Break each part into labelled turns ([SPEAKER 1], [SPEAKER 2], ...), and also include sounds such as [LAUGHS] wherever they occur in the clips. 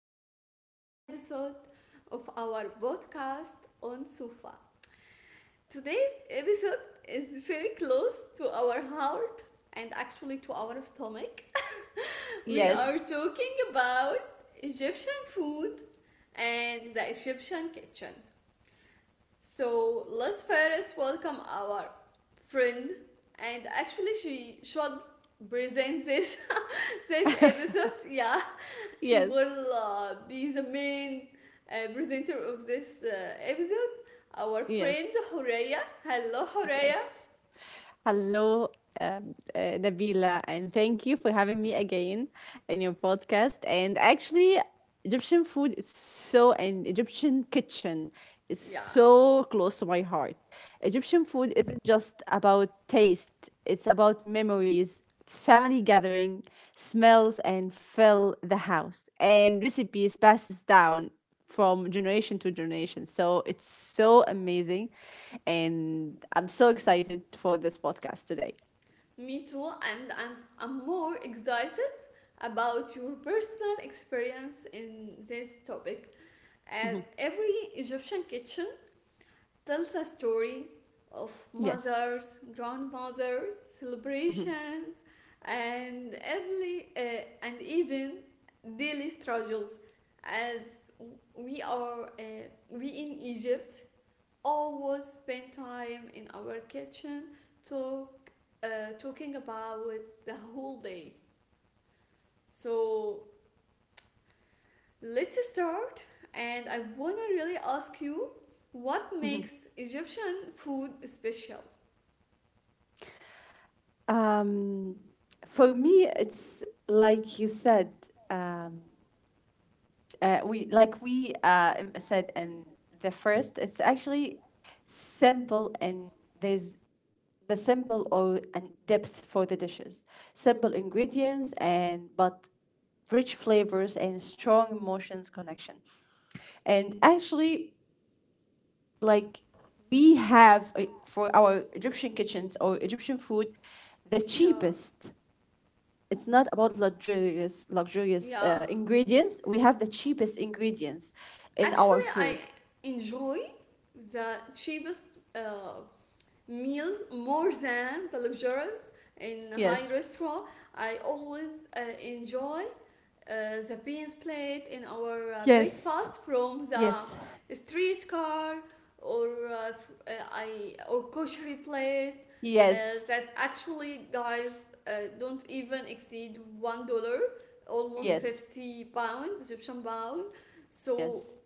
[SPEAKER 1] back to a new episode of our podcast on Sufa. Today's episode is very close to our heart, and actually to our stomach. [LAUGHS] We are
[SPEAKER 2] Yes,
[SPEAKER 1] talking about Egyptian food and the Egyptian kitchen. So, let's first welcome our friend, and actually, she should present this [LAUGHS] this episode. Yeah, she
[SPEAKER 2] yes,
[SPEAKER 1] will be the main presenter of this episode. Our friend
[SPEAKER 2] yes,
[SPEAKER 1] Horeya. Hello, Horeya.
[SPEAKER 2] yes. Hello, Nabila, and thank you for having me again in your podcast. And actually, Egyptian food is so, and Egyptian kitchen is
[SPEAKER 1] Yeah.
[SPEAKER 2] so close to my heart.
[SPEAKER 1] Yep.
[SPEAKER 2] Egyptian food isn't just about taste, it's about memories, family gathering, smells, and fill the house, and recipes passes down from generation to generation. So it's so amazing. And I'm so excited for this podcast today.
[SPEAKER 1] Me too, and I'm more excited about your personal experience in this topic. As every Egyptian kitchen tells a story of
[SPEAKER 2] Yes.
[SPEAKER 1] mothers, grandmothers,
[SPEAKER 2] Mm-hmm.
[SPEAKER 1] celebrations, and every and even daily struggles. As we are we in Egypt always spend time in our kitchen talk uh, talking about the whole day. So let's start, and I wanna really ask you what makes Egyptian food special.
[SPEAKER 2] Um, for me, it's like you said. Um, we said in the first. It's actually simple and there's the simple or and depth for the dishes. Simple ingredients and but rich flavors and strong emotions connection. And actually, like we have for our Egyptian kitchens or Egyptian food, the
[SPEAKER 1] Yeah.
[SPEAKER 2] cheapest. It's not about luxurious luxurious
[SPEAKER 1] Yeah.
[SPEAKER 2] uh, ingredients. We have the cheapest ingredients in
[SPEAKER 1] Actually,
[SPEAKER 2] our
[SPEAKER 1] I
[SPEAKER 2] food.
[SPEAKER 1] enjoy the cheapest uh, meals more than the luxurious in high
[SPEAKER 2] Yes.
[SPEAKER 1] restaurant. I always enjoy the beans plate in our
[SPEAKER 2] Yes.
[SPEAKER 1] breakfast from the
[SPEAKER 2] Yes.
[SPEAKER 1] streetcar, or I or kosher plate uh,
[SPEAKER 2] Yes.
[SPEAKER 1] that actually, guys, don't even exceed $1, almost
[SPEAKER 2] Yes.
[SPEAKER 1] 50 pound, Egyptian pound. So
[SPEAKER 2] Yes.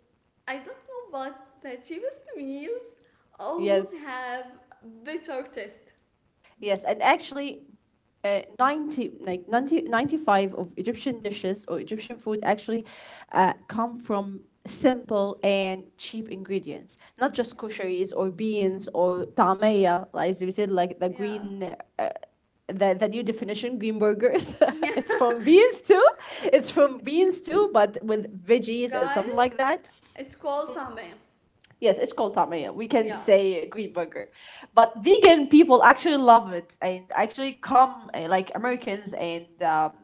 [SPEAKER 1] I don't know, but the cheapest meals always
[SPEAKER 2] Yes.
[SPEAKER 1] have better taste.
[SPEAKER 2] Yes, and actually, 90, like 90 95 of Egyptian dishes or Egyptian food actually come from simple and cheap ingredients, not just
[SPEAKER 1] Yeah,
[SPEAKER 2] kosheries or beans or tamaya, like as we said, like the
[SPEAKER 1] yeah,
[SPEAKER 2] green, the new definition, green burgers.
[SPEAKER 1] yeah.
[SPEAKER 2] [LAUGHS] it's from beans too. It's from beans too, but with
[SPEAKER 1] [LAUGHS]
[SPEAKER 2] veggies and something like
[SPEAKER 1] Guys,
[SPEAKER 2] that.
[SPEAKER 1] it's called tame.
[SPEAKER 2] Yes, it's called tamaya. We can
[SPEAKER 1] Yeah.
[SPEAKER 2] say green burger. But vegan people actually love it and actually come, like Americans and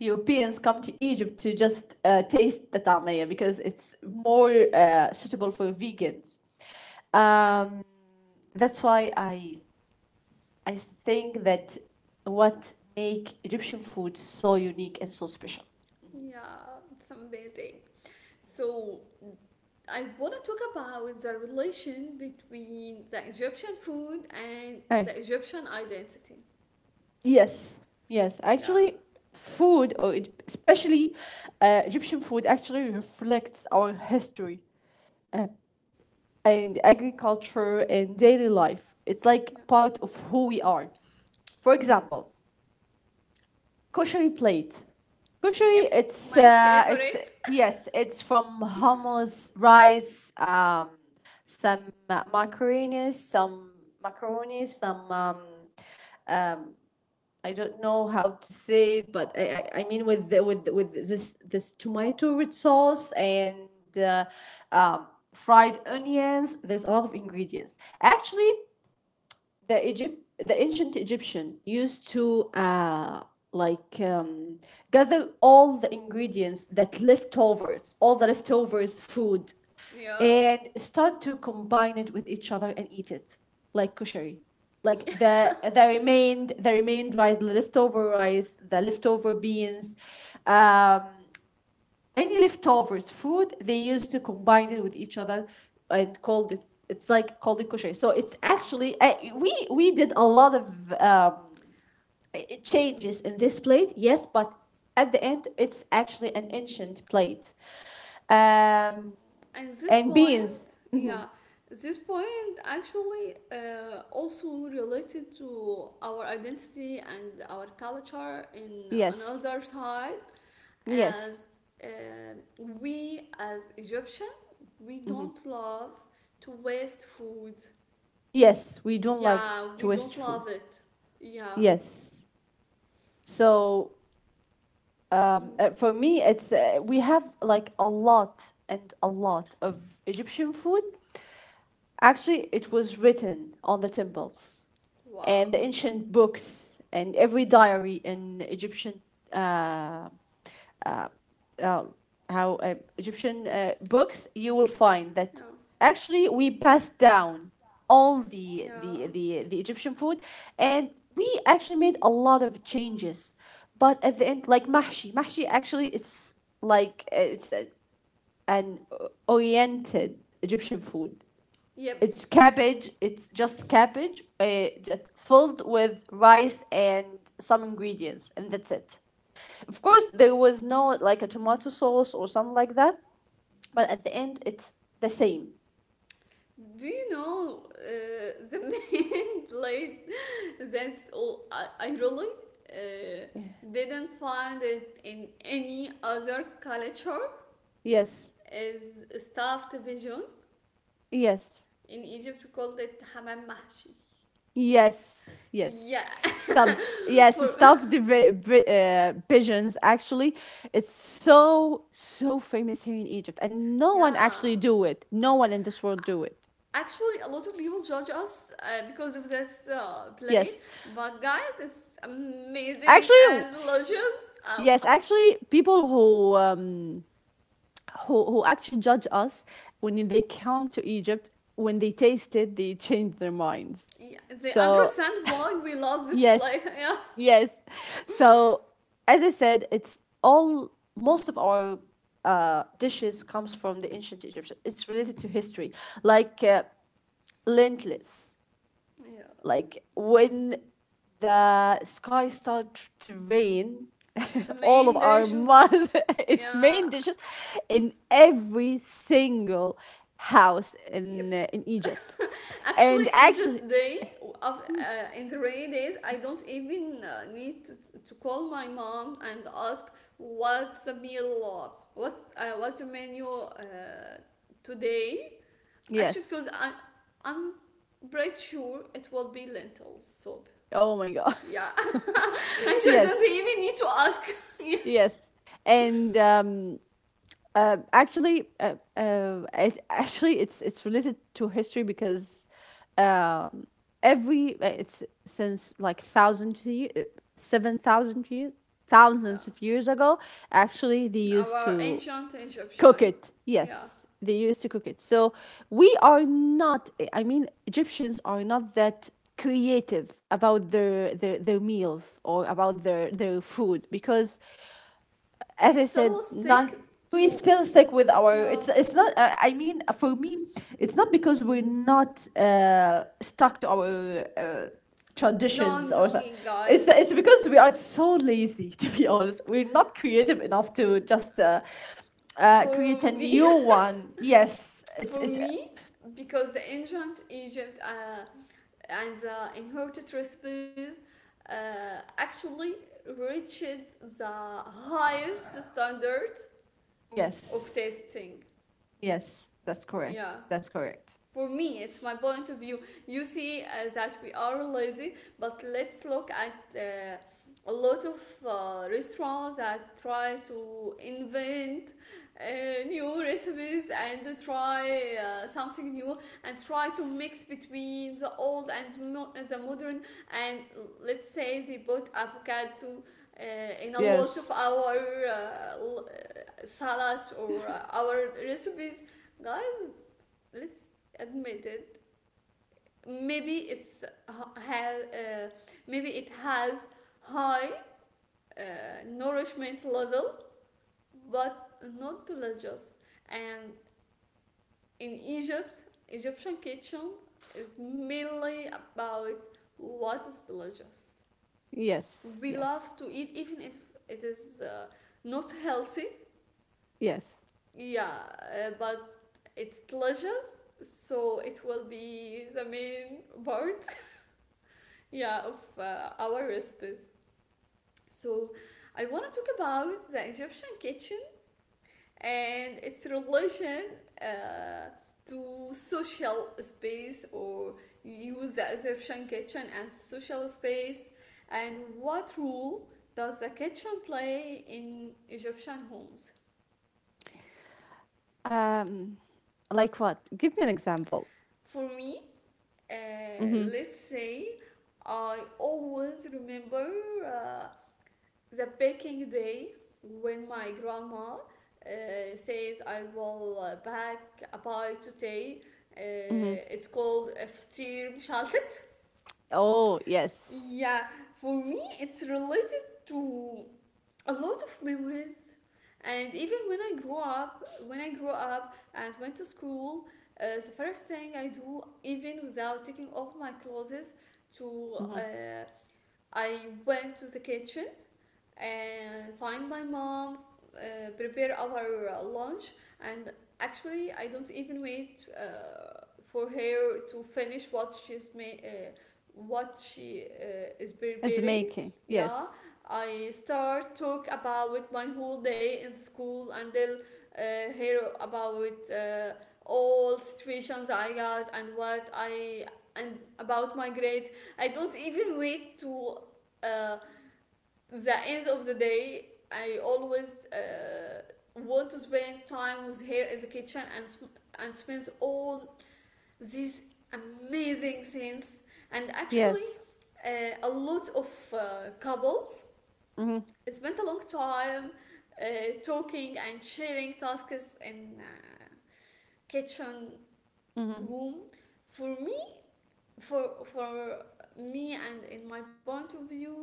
[SPEAKER 2] Europeans come to Egypt to just taste the tamaya because it's more suitable for vegans. Um, that's why I think that what make Egyptian food so unique and so special.
[SPEAKER 1] Yeah, it's amazing. So I want to talk about the relation between the Egyptian food and
[SPEAKER 2] Hey,
[SPEAKER 1] the Egyptian identity.
[SPEAKER 2] yes, yes.
[SPEAKER 1] Yeah,
[SPEAKER 2] Actually, food, or especially Egyptian food, actually reflects our history uh, and agriculture and daily life. It's like
[SPEAKER 1] yeah,
[SPEAKER 2] part of who we are. For example, koshari plate.
[SPEAKER 1] yep,
[SPEAKER 2] Koshari, it's
[SPEAKER 1] my
[SPEAKER 2] uh, it's
[SPEAKER 1] favorite. [LAUGHS]
[SPEAKER 2] yes, it's from hummus, rice, some macaroni, some I don't know how to say it, but I mean with the, with this tomato with sauce and uh, um, fried onions. There's a lot of ingredients. Actually, the ancient Egyptian used to like gather all the ingredients that leftovers all the leftovers food
[SPEAKER 1] Yeah,
[SPEAKER 2] and start to combine it with each other and eat it like kushari, like
[SPEAKER 1] yeah,
[SPEAKER 2] the remained, rice, the leftover rice, the leftover beans, um any leftovers food they used to combine it with each other and called it kosher. So it's
[SPEAKER 1] yeah.
[SPEAKER 2] actually we did a lot of changes in this plate, yes, but at the end it's actually an ancient plate, um,
[SPEAKER 1] And this
[SPEAKER 2] and
[SPEAKER 1] point,
[SPEAKER 2] beans.
[SPEAKER 1] yeah, this point actually also related to our identity and our culture in
[SPEAKER 2] Yes,
[SPEAKER 1] another side,
[SPEAKER 2] yes,
[SPEAKER 1] as uh, we as Egyptians, we don't love to waste food.
[SPEAKER 2] yes, we don't like
[SPEAKER 1] Yeah, we don't
[SPEAKER 2] jewish food,
[SPEAKER 1] love it. Yeah.
[SPEAKER 2] yes.
[SPEAKER 1] S,
[SPEAKER 2] So
[SPEAKER 1] mm,
[SPEAKER 2] for me it's, we have like a lot and a lot of egyptian food. Actually, it was written on the temples and
[SPEAKER 1] wow.
[SPEAKER 2] the ancient books and every diary in Egyptian, uh, uh, uh, how Egyptian books, you will find
[SPEAKER 1] Yeah.
[SPEAKER 2] that actually we passed down all the
[SPEAKER 1] Yeah.
[SPEAKER 2] the, the the Egyptian food, and we actually made a lot of changes. But at the end, like mahshi actually it's an oriented Egyptian food, it's
[SPEAKER 1] Yep.
[SPEAKER 2] cabbage. It's just cabbage, that filled with rice and some ingredients, and that's it. Of course, there was no like a tomato sauce or something like that, but at the end, it's the same.
[SPEAKER 1] Do you know the [LAUGHS] main blade that's all, I really uh, didn't find it in any other culture,
[SPEAKER 2] Yes,
[SPEAKER 1] is stuffed pigeon.
[SPEAKER 2] yes,
[SPEAKER 1] In Egypt we called it hamam mahshi.
[SPEAKER 2] yes, yes.
[SPEAKER 1] Yeah.
[SPEAKER 2] Stop.
[SPEAKER 1] [LAUGHS]
[SPEAKER 2] Yes,
[SPEAKER 1] For,
[SPEAKER 2] stuffed the pigeons. Actually, it's so famous here in Egypt, and no one
[SPEAKER 1] yeah,
[SPEAKER 2] actually do it. No one in this world do it.
[SPEAKER 1] actually, a lot of people judge us because of this plate,
[SPEAKER 2] Yes,
[SPEAKER 1] but guys, it's amazing
[SPEAKER 2] actually,
[SPEAKER 1] and delicious.
[SPEAKER 2] yes, actually, people who who actually judge us, when they come to Egypt, when they taste it, they change their minds.
[SPEAKER 1] Yeah, they
[SPEAKER 2] So
[SPEAKER 1] understand why we love this plate. [LAUGHS]
[SPEAKER 2] yes,
[SPEAKER 1] Yeah,
[SPEAKER 2] yes. So as I said, it's all most of our dishes comes from the ancient Egypt. It's related to history, like lentless,
[SPEAKER 1] yeah,
[SPEAKER 2] like when the sky starts to rain [LAUGHS]
[SPEAKER 1] it's the
[SPEAKER 2] all of
[SPEAKER 1] main
[SPEAKER 2] our
[SPEAKER 1] dishes.
[SPEAKER 2] mud [LAUGHS] its
[SPEAKER 1] Yeah,
[SPEAKER 2] main dishes in every single house in
[SPEAKER 1] yep.
[SPEAKER 2] uh, in Egypt
[SPEAKER 1] [LAUGHS]
[SPEAKER 2] and
[SPEAKER 1] Actually, in this
[SPEAKER 2] actually,
[SPEAKER 1] day of, in the rainy days, I don't even need to call my mom and ask what's the meal, what's the menu today. Actually,
[SPEAKER 2] yes,
[SPEAKER 1] because I'm pretty sure it will be lentils soup.
[SPEAKER 2] oh my god,
[SPEAKER 1] Yeah. [LAUGHS] Actually,
[SPEAKER 2] [LAUGHS]
[SPEAKER 1] I
[SPEAKER 2] yes,
[SPEAKER 1] don't even need to ask. [LAUGHS] Yeah.
[SPEAKER 2] yes. and um It actually it's related to history because um, every it's since like 1,000 years, 7,000 years, thousands
[SPEAKER 1] Um,
[SPEAKER 2] of years ago. Actually, they used to
[SPEAKER 1] our ancient
[SPEAKER 2] cook
[SPEAKER 1] Egyptian.
[SPEAKER 2] it. Yes,
[SPEAKER 1] Yeah.
[SPEAKER 2] they used to cook it. So we are not, I mean, Egyptians are not that creative about their their meals, or about their food because as
[SPEAKER 1] We
[SPEAKER 2] I said,
[SPEAKER 1] still
[SPEAKER 2] nine.
[SPEAKER 1] stick
[SPEAKER 2] We
[SPEAKER 1] to.
[SPEAKER 2] still stick with our.
[SPEAKER 1] Yeah.
[SPEAKER 2] It's not. I mean, for me, it's not because we're not stuck to our
[SPEAKER 1] No,
[SPEAKER 2] traditions or.
[SPEAKER 1] no,
[SPEAKER 2] So, it's
[SPEAKER 1] guys.
[SPEAKER 2] it's because we are so lazy. [LAUGHS] To be honest, we're not creative enough to just
[SPEAKER 1] For
[SPEAKER 2] create a
[SPEAKER 1] me,
[SPEAKER 2] new one. Yes,
[SPEAKER 1] [LAUGHS] for
[SPEAKER 2] it's
[SPEAKER 1] me, because the ancient Egypt, and the inherited recipes, actually reached the highest standard of
[SPEAKER 2] yes,
[SPEAKER 1] testing.
[SPEAKER 2] yes. That's correct.
[SPEAKER 1] Yeah,
[SPEAKER 2] That's correct.
[SPEAKER 1] for me, it's my point of view. You see, that we are lazy, but let's look at a lot of restaurants that try to invent new recipes, and try something new, and try to mix between the old and the modern, and let's say they put avocado in a lot of
[SPEAKER 2] Yes,
[SPEAKER 1] our salads, or our recipes. Guys, let's admit it. Maybe it's h- have maybe it has high uh, nourishment level, but not delicious. And in Egypt, Egyptian kitchen is mainly about what is delicious.
[SPEAKER 2] yes,
[SPEAKER 1] We
[SPEAKER 2] yes,
[SPEAKER 1] love to eat, even if it is not healthy.
[SPEAKER 2] yes.
[SPEAKER 1] Yeah. But it's delicious, so it will be the main part, yeah, of our recipes. So I want to talk about the Egyptian kitchen and its relation uh, to social space, or use the Egyptian kitchen as social space, and what role does the kitchen play in Egyptian homes?
[SPEAKER 2] Um, like what? Give me an example.
[SPEAKER 1] For me, uh,
[SPEAKER 2] Mm-hmm.
[SPEAKER 1] let's say, I always remember uh, the baking day when my grandma says, I will bake a pie today.
[SPEAKER 2] Hmm.
[SPEAKER 1] It's called iftir مشالتت.
[SPEAKER 2] Oh, yes.
[SPEAKER 1] Yeah, for me it's related to a lot of memories. And even when I grew up, when I grew up and went to school, the first thing I do, even without taking off my clothes, to
[SPEAKER 2] Hmm.
[SPEAKER 1] uh, I went to the kitchen and find my mom prepare our lunch, and actually I don't even wait for her to finish what she is
[SPEAKER 2] It's
[SPEAKER 1] preparing.
[SPEAKER 2] making.
[SPEAKER 1] Yeah,
[SPEAKER 2] Yes.
[SPEAKER 1] I start talk about my whole day in school, and then hear about all situations I got, and what I, and about my grades. I don't even wait to uh, the end of the day. I always want to spend time with her in the kitchen, and spends all these amazing things. And actually
[SPEAKER 2] Yes.
[SPEAKER 1] a lot of couples
[SPEAKER 2] Hmm.
[SPEAKER 1] spent a long time uh, talking and sharing tasks in kitchen
[SPEAKER 2] Hmm.
[SPEAKER 1] room. For me, for me, and in my point of view,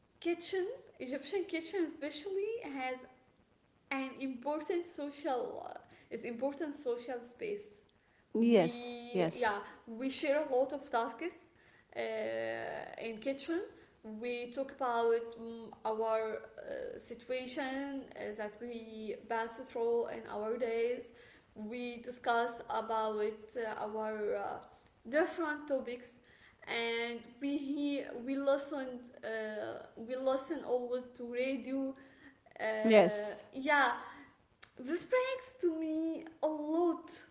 [SPEAKER 1] kitchen, Egyptian kitchen especially has an important social, is important social space. We,
[SPEAKER 2] Yes.
[SPEAKER 1] yeah,
[SPEAKER 2] Yes.
[SPEAKER 1] we share a lot of tasks uh, in kitchen. We talk about, mm, our situation that we pass through in our days. We discuss about our different topics, and we hear, we listen always to radio.
[SPEAKER 2] Yes.
[SPEAKER 1] Yeah, this brings to me a lot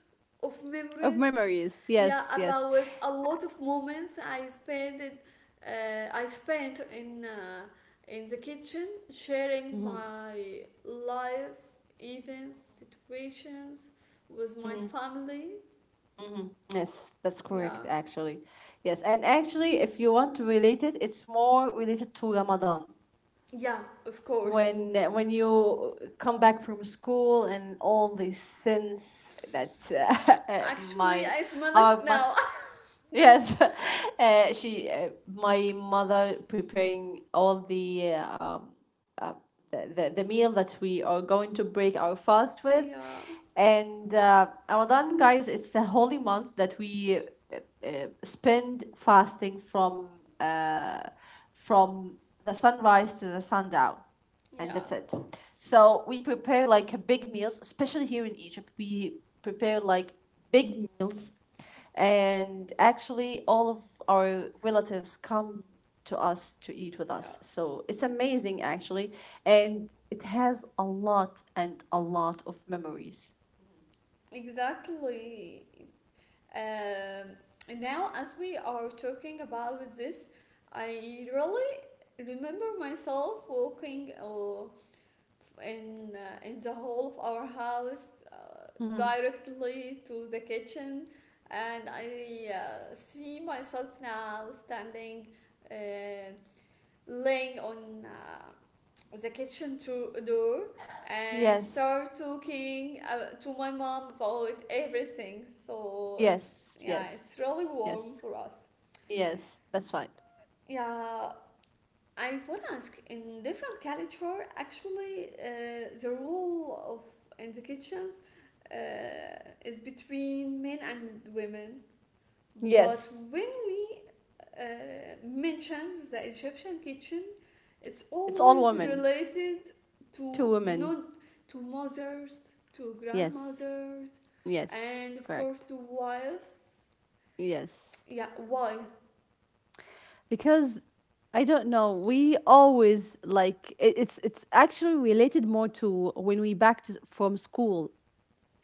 [SPEAKER 1] of
[SPEAKER 2] Of
[SPEAKER 1] memories.
[SPEAKER 2] memories.
[SPEAKER 1] Yeah,
[SPEAKER 2] Yes. Yes.
[SPEAKER 1] about a lot of moments I spent in, uh, I spent in uh, in the kitchen sharing
[SPEAKER 2] Hmm.
[SPEAKER 1] my life events, situations with my family.
[SPEAKER 2] Yes. That's
[SPEAKER 1] Yeah.
[SPEAKER 2] correct, actually. Yes. And actually, if you want to relate it, it's more related to Ramadan.
[SPEAKER 1] Yeah, of course.
[SPEAKER 2] When you come back from school and all these sins that [LAUGHS]
[SPEAKER 1] Actually,
[SPEAKER 2] my,
[SPEAKER 1] I smell it
[SPEAKER 2] our month,
[SPEAKER 1] now.
[SPEAKER 2] yes, [LAUGHS] she, my mother preparing all the, the meal that we are going to break our fast with,
[SPEAKER 1] [LAUGHS] Yeah.
[SPEAKER 2] and Ramadan, guys, it's a holy month that we uh, spend fasting from, uh, from the sunrise to the sundown, and
[SPEAKER 1] Yeah.
[SPEAKER 2] that's it. So we prepare like a big meals, especially here in Egypt. We prepare like big meals, and actually all of our relatives come to us to eat with
[SPEAKER 1] Yeah.
[SPEAKER 2] us. So it's amazing actually, and it has a lot and a lot of memories.
[SPEAKER 1] Exactly. Um, now, as we are talking about this, I really remember myself walking in the hall of our house directly to the kitchen, and I see myself now standing, uh, laying on the kitchen to door, and
[SPEAKER 2] Yes,
[SPEAKER 1] start talking to my mom about everything. So
[SPEAKER 2] yes,
[SPEAKER 1] yeah,
[SPEAKER 2] yes,
[SPEAKER 1] it's really warm
[SPEAKER 2] yes.
[SPEAKER 1] for us.
[SPEAKER 2] Yes, that's right.
[SPEAKER 1] Yeah, I would ask in different culture, actually, the role of in the kitchens is between men and women. But
[SPEAKER 2] Yes.
[SPEAKER 1] when we mentions the Egyptian kitchen, it's
[SPEAKER 2] It's all
[SPEAKER 1] always
[SPEAKER 2] women.
[SPEAKER 1] related to
[SPEAKER 2] Two women.
[SPEAKER 1] non, to mothers, to
[SPEAKER 2] Yes.
[SPEAKER 1] grandmothers,
[SPEAKER 2] Yes.
[SPEAKER 1] and
[SPEAKER 2] That's
[SPEAKER 1] of course
[SPEAKER 2] correct.
[SPEAKER 1] to wives.
[SPEAKER 2] Yes.
[SPEAKER 1] Yeah, why?
[SPEAKER 2] Because I don't know, we always like it's actually related more to when we back to, from school,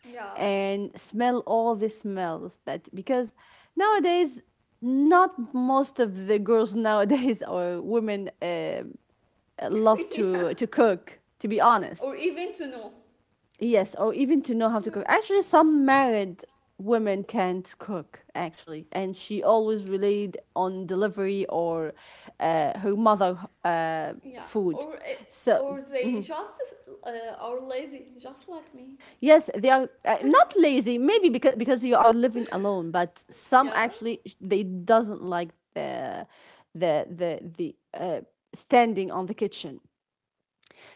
[SPEAKER 1] Yeah,
[SPEAKER 2] and smell all the smells that because nowadays, not most of the girls nowadays, [LAUGHS] or women,
[SPEAKER 1] [LAUGHS]
[SPEAKER 2] love
[SPEAKER 1] yeah,
[SPEAKER 2] to cook, to be
[SPEAKER 1] or
[SPEAKER 2] honest.
[SPEAKER 1] even to know.
[SPEAKER 2] Yes, or even to know how
[SPEAKER 1] Yeah,
[SPEAKER 2] to cook. Actually, some married women can't cook actually, and she always relied on delivery or her mother uh,
[SPEAKER 1] yeah, or uh,
[SPEAKER 2] food. So
[SPEAKER 1] or they just are lazy, just like me.
[SPEAKER 2] yes, they are, not lazy. Maybe because you are living alone, but some
[SPEAKER 1] Yeah.
[SPEAKER 2] actually they doesn't like the, the standing on the kitchen.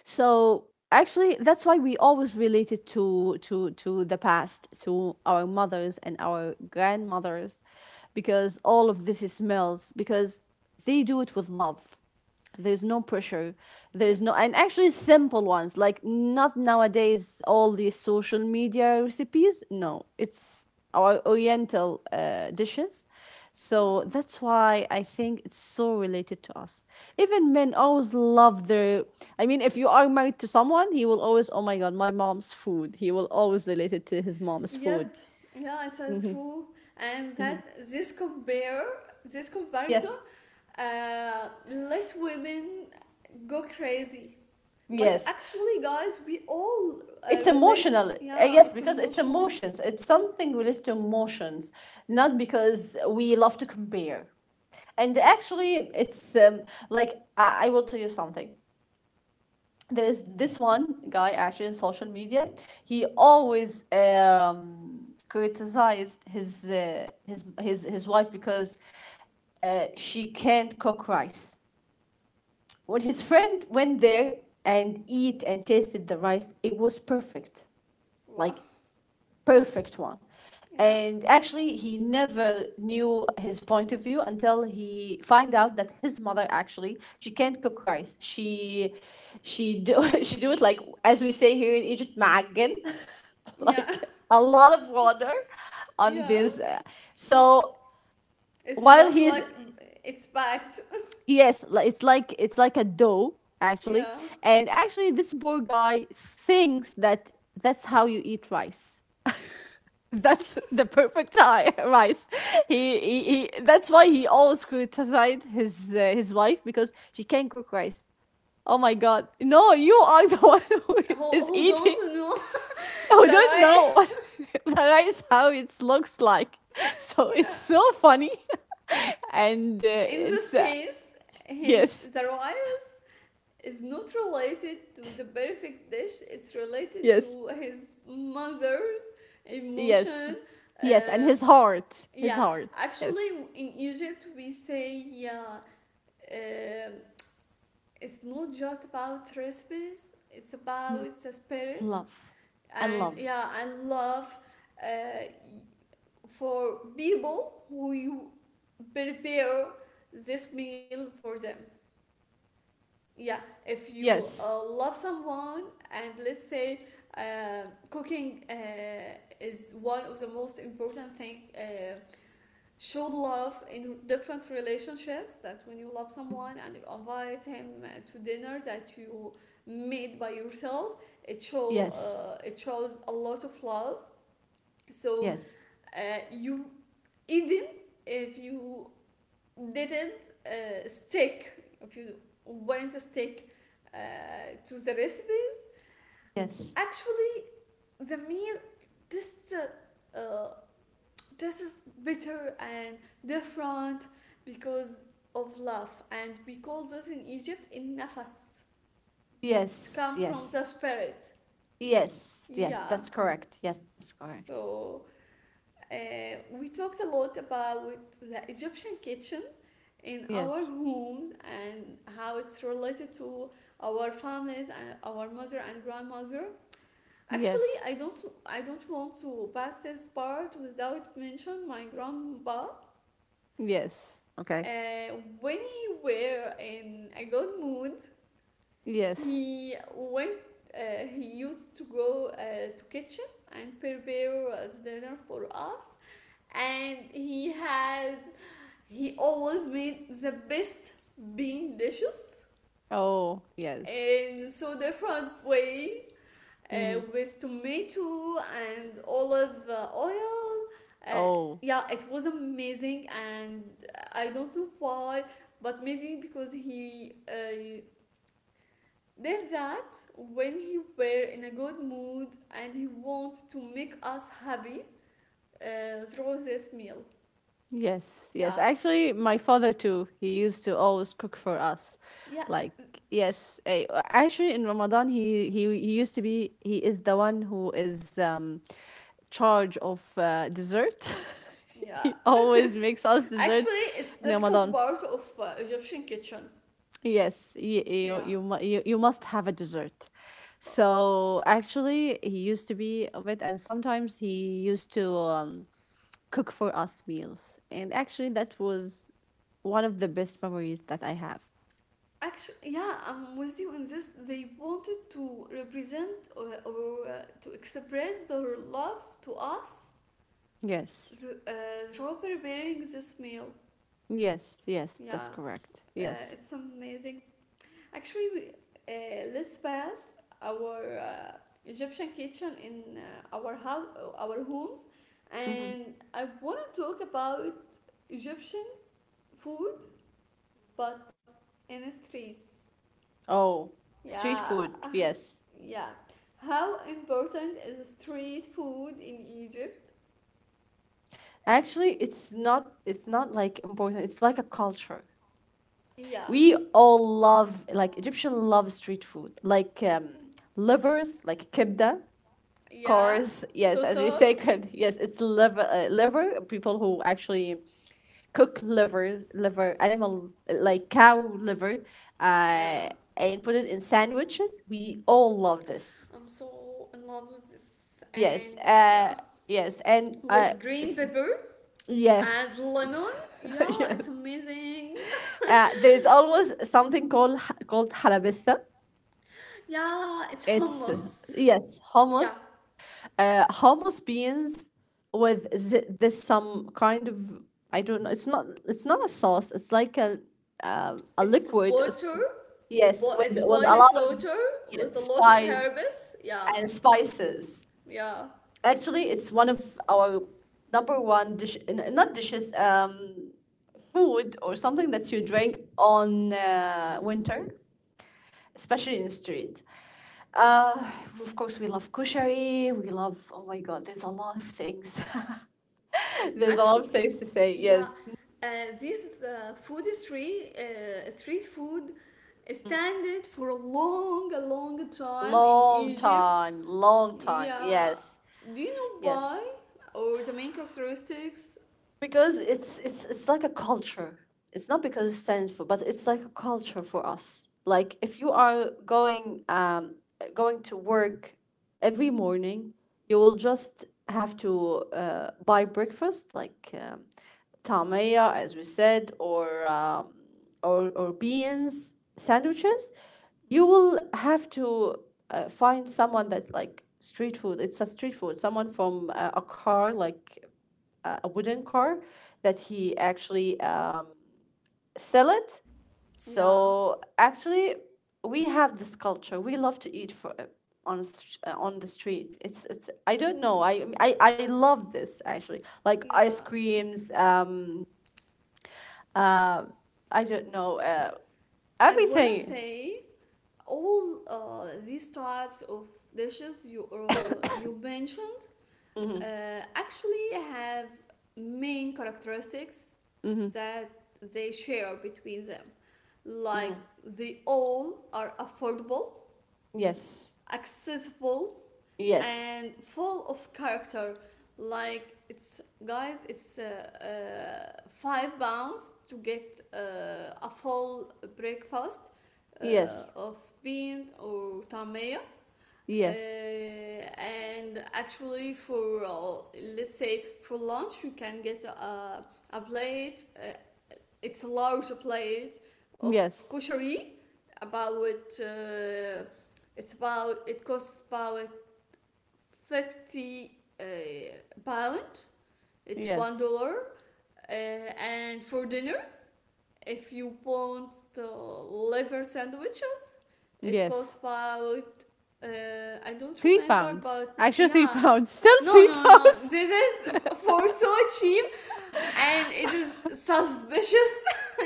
[SPEAKER 2] So actually, that's why we always relate it to the past, to our mothers and our grandmothers, because all of this is smells because they do it with love. There's no pressure.
[SPEAKER 1] Yep.
[SPEAKER 2] There's no, and actually simple ones, like not nowadays all these social media recipes. No, it's our Oriental dishes. So
[SPEAKER 1] Yeah.
[SPEAKER 2] that's why I think it's so related to us. Even men always love their. I mean, if you are married to someone, he will always, oh my God, my mom's food. He will always relate it to his mom's
[SPEAKER 1] Yep.
[SPEAKER 2] food.
[SPEAKER 1] Yeah, it is true. And that this comparison
[SPEAKER 2] Yes.
[SPEAKER 1] let women go crazy. But
[SPEAKER 2] Yes.
[SPEAKER 1] actually, guys, we all
[SPEAKER 2] It's
[SPEAKER 1] relate.
[SPEAKER 2] emotional,
[SPEAKER 1] Yeah,
[SPEAKER 2] yes,
[SPEAKER 1] it's
[SPEAKER 2] because it's
[SPEAKER 1] emotional.
[SPEAKER 2] emotions. It's something related to emotions, not because we love to compare. And
[SPEAKER 1] Yep.
[SPEAKER 2] actually, it's like I will tell you something. There's this one guy actually in social media. He always criticized his wife because she can't cook rice. When his friend went there and eat and tasted the rice, it was perfect.
[SPEAKER 1] Wow.
[SPEAKER 2] Like perfect one.
[SPEAKER 1] Yeah.
[SPEAKER 2] And actually, he never knew his point of view until he find out that his mother actually she can't cook rice. She do, [LAUGHS] she do it like as we say here in Egypt, معجن, [LAUGHS]
[SPEAKER 1] Yeah. [LAUGHS]
[SPEAKER 2] like a lot of water on
[SPEAKER 1] Yeah.
[SPEAKER 2] this. So
[SPEAKER 1] It's
[SPEAKER 2] while
[SPEAKER 1] just
[SPEAKER 2] he's,
[SPEAKER 1] like, it's packed.
[SPEAKER 2] yes, it's like a dough actually,
[SPEAKER 1] Yeah.
[SPEAKER 2] and actually this poor guy thinks that that's how you eat rice. That's the perfect time, [LAUGHS] rice. He That's why he always criticized his, his wife because she can't cook rice. Oh my god! No, you are the [LAUGHS] one who is
[SPEAKER 1] Who
[SPEAKER 2] eating.
[SPEAKER 1] don't know [LAUGHS] the
[SPEAKER 2] Oh, I don't
[SPEAKER 1] right?
[SPEAKER 2] know what [LAUGHS] the rice how it looks like. [LAUGHS] So it's
[SPEAKER 1] Yeah.
[SPEAKER 2] so funny, [LAUGHS] and
[SPEAKER 1] In this
[SPEAKER 2] it's,
[SPEAKER 1] case, his
[SPEAKER 2] yes,
[SPEAKER 1] the right is not related to the perfect dish, it's related
[SPEAKER 2] yes,
[SPEAKER 1] to his mother's
[SPEAKER 2] yes,
[SPEAKER 1] emotion.
[SPEAKER 2] yes, and
[SPEAKER 1] uh,
[SPEAKER 2] his
[SPEAKER 1] yeah,
[SPEAKER 2] heart, yes,
[SPEAKER 1] actually, in Egypt we say, yeah, uh, it's not just about recipes, it's about the spirit,
[SPEAKER 2] love, and
[SPEAKER 1] and
[SPEAKER 2] love,
[SPEAKER 1] yeah, and love, uh, for people who you prepare this meal for them. Yeah, if you
[SPEAKER 2] yes,
[SPEAKER 1] love someone, and let's say, uh, cooking is one of the most important thing show love in different relationships, that when you love someone and you invite him to dinner that you made by yourself, it show,
[SPEAKER 2] yes,
[SPEAKER 1] it shows a lot of love. So
[SPEAKER 2] yes,
[SPEAKER 1] you, even if you didn't stick, if you weren't stick uh, to the recipe,
[SPEAKER 2] yes.
[SPEAKER 1] actually the meal, this uh, uh, this is better and different because of love, and we call this in Egypt, in nafas. It's
[SPEAKER 2] Yes,
[SPEAKER 1] come from
[SPEAKER 2] yes,
[SPEAKER 1] the spirit.
[SPEAKER 2] yes, yes,
[SPEAKER 1] Yeah.
[SPEAKER 2] that's correct. Yes, that's correct.
[SPEAKER 1] So uh, we talked a lot about the Egyptian kitchen in our
[SPEAKER 2] Yes,
[SPEAKER 1] homes, and how it's related to our families and our mother and grandmother. Actually,
[SPEAKER 2] yes,
[SPEAKER 1] I don't want to pass this part without mention my grandpa.
[SPEAKER 2] yes, okay.
[SPEAKER 1] uh, when he were in a good mood,
[SPEAKER 2] Yes.
[SPEAKER 1] he went he used to go to kitchen and prepare dinner for us, and he always made the best bean dishes,
[SPEAKER 2] Oh, yes.
[SPEAKER 1] and so different way,
[SPEAKER 2] Mm-hmm.
[SPEAKER 1] with tomato and olive oil. Uh,
[SPEAKER 2] Oh,
[SPEAKER 1] yeah, it was amazing. And I don't know why, but maybe because he did that when he were in a good mood, and he wants to make us happy through this meal.
[SPEAKER 2] yes, yes.
[SPEAKER 1] Yeah,
[SPEAKER 2] Actually, my father too, he used to always cook for us.
[SPEAKER 1] yeah,
[SPEAKER 2] Like, yes, actually in Ramadan, he used to be, he is the one who is charge of dessert. [LAUGHS]
[SPEAKER 1] yeah.
[SPEAKER 2] he
[SPEAKER 1] [LAUGHS]
[SPEAKER 2] always makes us dessert
[SPEAKER 1] Actually, it's
[SPEAKER 2] in
[SPEAKER 1] difficult
[SPEAKER 2] Ramadan.
[SPEAKER 1] part of Egyptian kitchen.
[SPEAKER 2] Yes, you you
[SPEAKER 1] Yeah,
[SPEAKER 2] you, mu- you must have a dessert.
[SPEAKER 1] but
[SPEAKER 2] So actually, he used to be of it, and sometimes he used to cook for us meals. And actually, that was one of the best memories that I have.
[SPEAKER 1] actually, yeah, I'm with you on this. They wanted to represent, or, to express their love to us
[SPEAKER 2] Yes,
[SPEAKER 1] through preparing this meal.
[SPEAKER 2] yes, yes, that's
[SPEAKER 1] Yeah,
[SPEAKER 2] correct.
[SPEAKER 1] uh,
[SPEAKER 2] Yes.
[SPEAKER 1] it's amazing. Actually, let's pass our Egyptian kitchen in our house, our homes,
[SPEAKER 2] Hmm.
[SPEAKER 1] and I want to talk about Egyptian food, but in the streets.
[SPEAKER 2] Oh, street
[SPEAKER 1] Yeah.
[SPEAKER 2] food. Yes.
[SPEAKER 1] Yeah. How important is street food in Egypt?
[SPEAKER 2] Actually, it's not. It's not like important. It's like a culture.
[SPEAKER 1] Yeah.
[SPEAKER 2] We all love like Egyptian love street food, like livers, like kibda,
[SPEAKER 1] Yeah.
[SPEAKER 2] cars. [LAUGHS] Yes, as we say, [LAUGHS]
[SPEAKER 1] Sosok.
[SPEAKER 2] kibda. Yes, it's liver. Liver. People who actually cook liver, animal like cow liver, uh,
[SPEAKER 1] Yeah.
[SPEAKER 2] and put it in sandwiches. We all love this.
[SPEAKER 1] I'm so in love with this.
[SPEAKER 2] Yes.
[SPEAKER 1] And yeah.
[SPEAKER 2] Yes, and
[SPEAKER 1] With green pepper and
[SPEAKER 2] yes,
[SPEAKER 1] lemon.
[SPEAKER 2] [LAUGHS]
[SPEAKER 1] Yeah,
[SPEAKER 2] yes.
[SPEAKER 1] it's amazing.
[SPEAKER 2] There's always something called halabissa.
[SPEAKER 1] [LAUGHS] Yeah, it's
[SPEAKER 2] It's,
[SPEAKER 1] hummus.
[SPEAKER 2] yes, hummus.
[SPEAKER 1] Yeah.
[SPEAKER 2] Hummus beans with this some kind of, I don't know. It's not a sauce. It's like a
[SPEAKER 1] It's
[SPEAKER 2] liquid,
[SPEAKER 1] water.
[SPEAKER 2] yes,
[SPEAKER 1] But
[SPEAKER 2] with
[SPEAKER 1] it's
[SPEAKER 2] with a
[SPEAKER 1] boiled
[SPEAKER 2] lot of,
[SPEAKER 1] water
[SPEAKER 2] yeah,
[SPEAKER 1] with a lot of
[SPEAKER 2] spice
[SPEAKER 1] herbs. Yeah.
[SPEAKER 2] and spices.
[SPEAKER 1] Yeah.
[SPEAKER 2] Actually, it's one of our number one dish. Not dishes. Food or something that you drink on winter, especially in the street. Uh, of course, we love kushari. We love. Oh my God, there's a lot of things. [LAUGHS] [LAUGHS] There's a lot of
[SPEAKER 1] Actually,
[SPEAKER 2] things to say.
[SPEAKER 1] yeah,
[SPEAKER 2] Yes.
[SPEAKER 1] uh, street food standard for a long time in
[SPEAKER 2] Long
[SPEAKER 1] Egypt.
[SPEAKER 2] time, long time.
[SPEAKER 1] Yeah.
[SPEAKER 2] Yes.
[SPEAKER 1] Do you know
[SPEAKER 2] Yes.
[SPEAKER 1] why? Or the main characteristics?
[SPEAKER 2] Because it's like a culture. It's not because it stands for, but it's like a culture for us. Like if you are going to work every morning, you will just have to buy breakfast like tamaya, as we said, or beans sandwiches. You will have to find someone that like street food. It's a street food. Someone from a car like a wooden car that he actually sell it.
[SPEAKER 1] Yeah.
[SPEAKER 2] So actually, we have this culture. We love to eat for on a str- on the street. It's I don't know. I love this actually. Like ice
[SPEAKER 1] Yeah.
[SPEAKER 2] creams. Uh. I don't know.
[SPEAKER 1] I wanna
[SPEAKER 2] Everything.
[SPEAKER 1] say all these types of dishes you you mentioned uh, actually have main characteristics
[SPEAKER 2] Mm-hmm.
[SPEAKER 1] that they share between them. Like
[SPEAKER 2] Hmm.
[SPEAKER 1] they all are affordable,
[SPEAKER 2] Yes.
[SPEAKER 1] accessible
[SPEAKER 2] Yes.
[SPEAKER 1] and full of character. Like it's, guys, it's £5 to get a full breakfast
[SPEAKER 2] Yes.
[SPEAKER 1] of bean or tamaya,
[SPEAKER 2] Yes.
[SPEAKER 1] and actually for let's say for lunch you can get a plate. It's a large plate of
[SPEAKER 2] Yes.
[SPEAKER 1] koshari about uh, it's about, it costs about 50 uh, pound, it's one
[SPEAKER 2] Yes.
[SPEAKER 1] dollar And for dinner, if you want the liver sandwiches, it costs
[SPEAKER 2] Yes.
[SPEAKER 1] about, uh, I don't
[SPEAKER 2] Three
[SPEAKER 1] remember,
[SPEAKER 2] pounds.
[SPEAKER 1] but
[SPEAKER 2] Actually, three [LAUGHS]
[SPEAKER 1] yeah,
[SPEAKER 2] pounds. Still
[SPEAKER 1] no,
[SPEAKER 2] three
[SPEAKER 1] no, no,
[SPEAKER 2] pounds.
[SPEAKER 1] this is for so cheap and it is suspicious.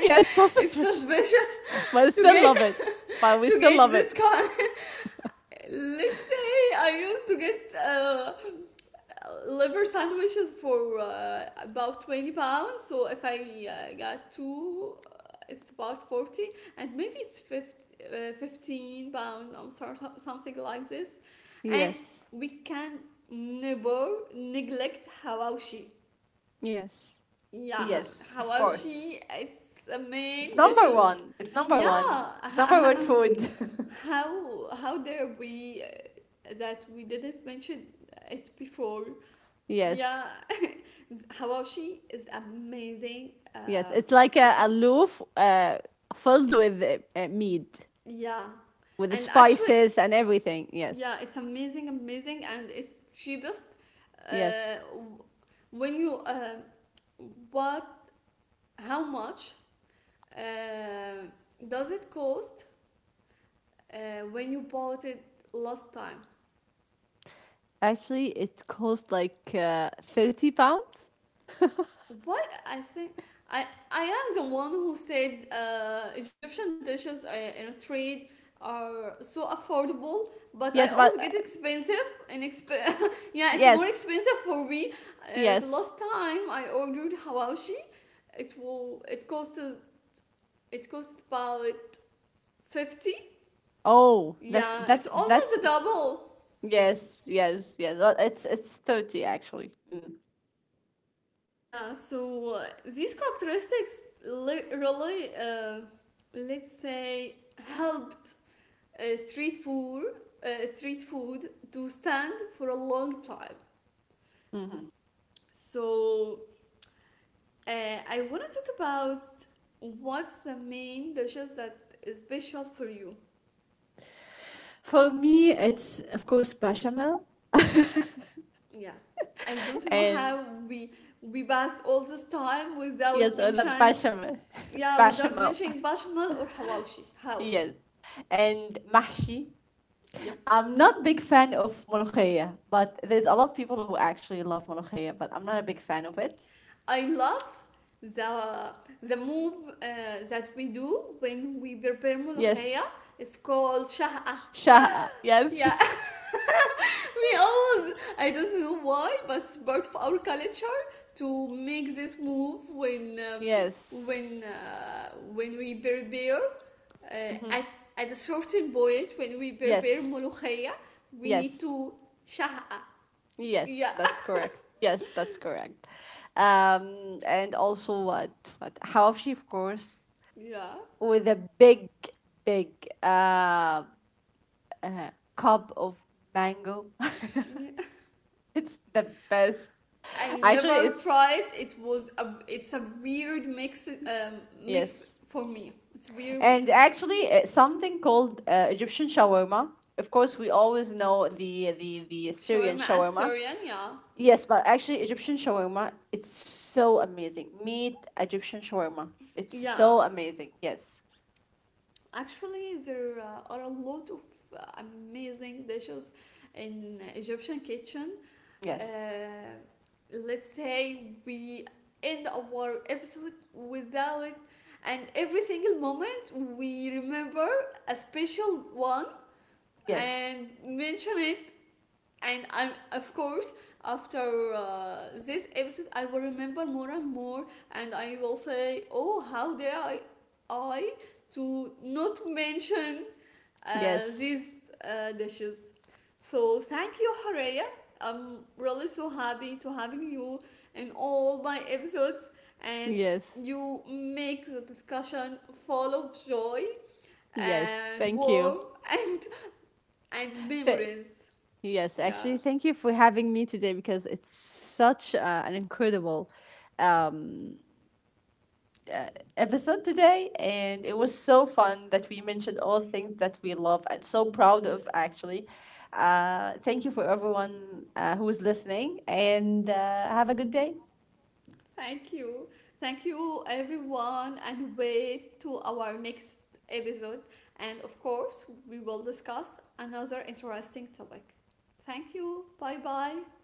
[SPEAKER 2] Yes, so
[SPEAKER 1] It's
[SPEAKER 2] suspicious. [LAUGHS]
[SPEAKER 1] suspicious
[SPEAKER 2] But
[SPEAKER 1] to
[SPEAKER 2] still
[SPEAKER 1] get
[SPEAKER 2] love it. But we
[SPEAKER 1] to
[SPEAKER 2] still
[SPEAKER 1] get
[SPEAKER 2] love
[SPEAKER 1] this
[SPEAKER 2] it.
[SPEAKER 1] kind. Let's say I used to get liver sandwiches for about 20 pounds, so if I got two, it's about 40, and maybe it's 50, 15 pound, I'm sorry, something like this. And
[SPEAKER 2] Yes.
[SPEAKER 1] we can never neglect hawashi.
[SPEAKER 2] Yes.
[SPEAKER 1] Yeah,
[SPEAKER 2] Yes, of course.
[SPEAKER 1] Hawabshi, it's a
[SPEAKER 2] It's
[SPEAKER 1] main dish.
[SPEAKER 2] number one. It's number
[SPEAKER 1] Yeah,
[SPEAKER 2] one.
[SPEAKER 1] h-
[SPEAKER 2] It's number one food.
[SPEAKER 1] h-
[SPEAKER 2] [LAUGHS]
[SPEAKER 1] how dare we that we didn't mention it before? Yeah,
[SPEAKER 2] Yes.
[SPEAKER 1] [LAUGHS] Hawabshi is amazing.
[SPEAKER 2] Yes. It's like a,
[SPEAKER 1] It's a,
[SPEAKER 2] a loaf, filled with, meat,
[SPEAKER 1] yeah,
[SPEAKER 2] with the
[SPEAKER 1] and actually,
[SPEAKER 2] spices and everything. Yes.
[SPEAKER 1] yeah, it's amazing, amazing, and it's cheapest. Uh,
[SPEAKER 2] Yes.
[SPEAKER 1] w- when you what how much uh, does it cost when you bought it last time?
[SPEAKER 2] Actually, it cost like 30 pounds.
[SPEAKER 1] What I think, I I am the one who said Egyptian dishes in a street are so affordable, but I
[SPEAKER 2] Yes,
[SPEAKER 1] always
[SPEAKER 2] but,
[SPEAKER 1] get expensive and [LAUGHS] yeah, it's more
[SPEAKER 2] yes.
[SPEAKER 1] expensive for me. The
[SPEAKER 2] Yes.
[SPEAKER 1] last time I ordered hawashi, it will it costed it cost about 50.
[SPEAKER 2] Oh,
[SPEAKER 1] Yeah, it's almost
[SPEAKER 2] that's
[SPEAKER 1] a double.
[SPEAKER 2] yes, yes, yes. Well, it's 30 actually. Mm.
[SPEAKER 1] Yeah, so these characteristics, really, let's say, helped uh, street food, street food to stand for a long time. So uh, I want to talk about what's the main dishes that is special for you.
[SPEAKER 2] For me, it's of course bechamel
[SPEAKER 1] Yeah, I don't know
[SPEAKER 2] and
[SPEAKER 1] how we passed all this time
[SPEAKER 2] yes,
[SPEAKER 1] without
[SPEAKER 2] or the
[SPEAKER 1] mention,
[SPEAKER 2] bechamel. [LAUGHS]
[SPEAKER 1] yeah, without
[SPEAKER 2] Bechamel.
[SPEAKER 1] mentioning bashamal or hawashi. How?
[SPEAKER 2] Yes. And mahshi.
[SPEAKER 1] Yep.
[SPEAKER 2] I'm not big fan of molokhia, but there's a lot of people who actually love molokhia, but I'm not a big fan of it.
[SPEAKER 1] I love the the move that we do when we prepare
[SPEAKER 2] Yes.
[SPEAKER 1] molokhaya. It's called shaha.
[SPEAKER 2] Shaha. Yes.
[SPEAKER 1] Yeah,
[SPEAKER 2] [LAUGHS]
[SPEAKER 1] [LAUGHS] we always, I don't know why, but it's part of our culture to make this move when
[SPEAKER 2] Yes.
[SPEAKER 1] when we prepare, uh, at at a certain point when we prepare
[SPEAKER 2] Yes.
[SPEAKER 1] molokhaya, we need
[SPEAKER 2] Yes.
[SPEAKER 1] to shaha.
[SPEAKER 2] Yes,
[SPEAKER 1] Yeah,
[SPEAKER 2] that's correct. Yes, that's correct. And also what Hawafshi, of course,
[SPEAKER 1] [LAUGHS] yeah,
[SPEAKER 2] with a big, big uh, cup of mango.
[SPEAKER 1] yeah.
[SPEAKER 2] [LAUGHS] It's the best.
[SPEAKER 1] I
[SPEAKER 2] Actually,
[SPEAKER 1] never
[SPEAKER 2] it's
[SPEAKER 1] tried. It was it's a weird mix, um, mix
[SPEAKER 2] yes.
[SPEAKER 1] for me. It's a weird
[SPEAKER 2] And
[SPEAKER 1] mix.
[SPEAKER 2] actually, something called Egyptian shawarma. Of course, we always know the Syrian
[SPEAKER 1] Shawarma as
[SPEAKER 2] shawarma.
[SPEAKER 1] Syrian, yeah,
[SPEAKER 2] Yes, but actually Egyptian shawarma, it's so amazing. Meat Egyptian shawarma. It's
[SPEAKER 1] yeah.
[SPEAKER 2] so amazing. Yes.
[SPEAKER 1] Actually, there are a lot of amazing dishes in Egyptian kitchen.
[SPEAKER 2] Yes.
[SPEAKER 1] Uh, let's say we end our episode without, and every single moment we remember a special one
[SPEAKER 2] Yes.
[SPEAKER 1] and mention it. And I'm, of course, after this episode I will remember more and more, and I will say, oh, how dare I, I to not mention
[SPEAKER 2] Yes,
[SPEAKER 1] these dishes. So thank you, Haraya. I'm really so happy to having you in all my episodes, and
[SPEAKER 2] yes,
[SPEAKER 1] you make the discussion full of joy
[SPEAKER 2] yes.
[SPEAKER 1] and
[SPEAKER 2] Thank you.
[SPEAKER 1] warm [LAUGHS] and and
[SPEAKER 2] Th-
[SPEAKER 1] memories.
[SPEAKER 2] yes,
[SPEAKER 1] Yeah.
[SPEAKER 2] actually, thank you for having me today because it's such an incredible episode today, and it was so fun that we mentioned all things that we love and so proud of actually. Thank you for everyone, who is listening, and have a good day.
[SPEAKER 1] Thank you. Thank you, everyone, and wait to our next episode. And of course, we will discuss another interesting topic. Thank you. Bye bye.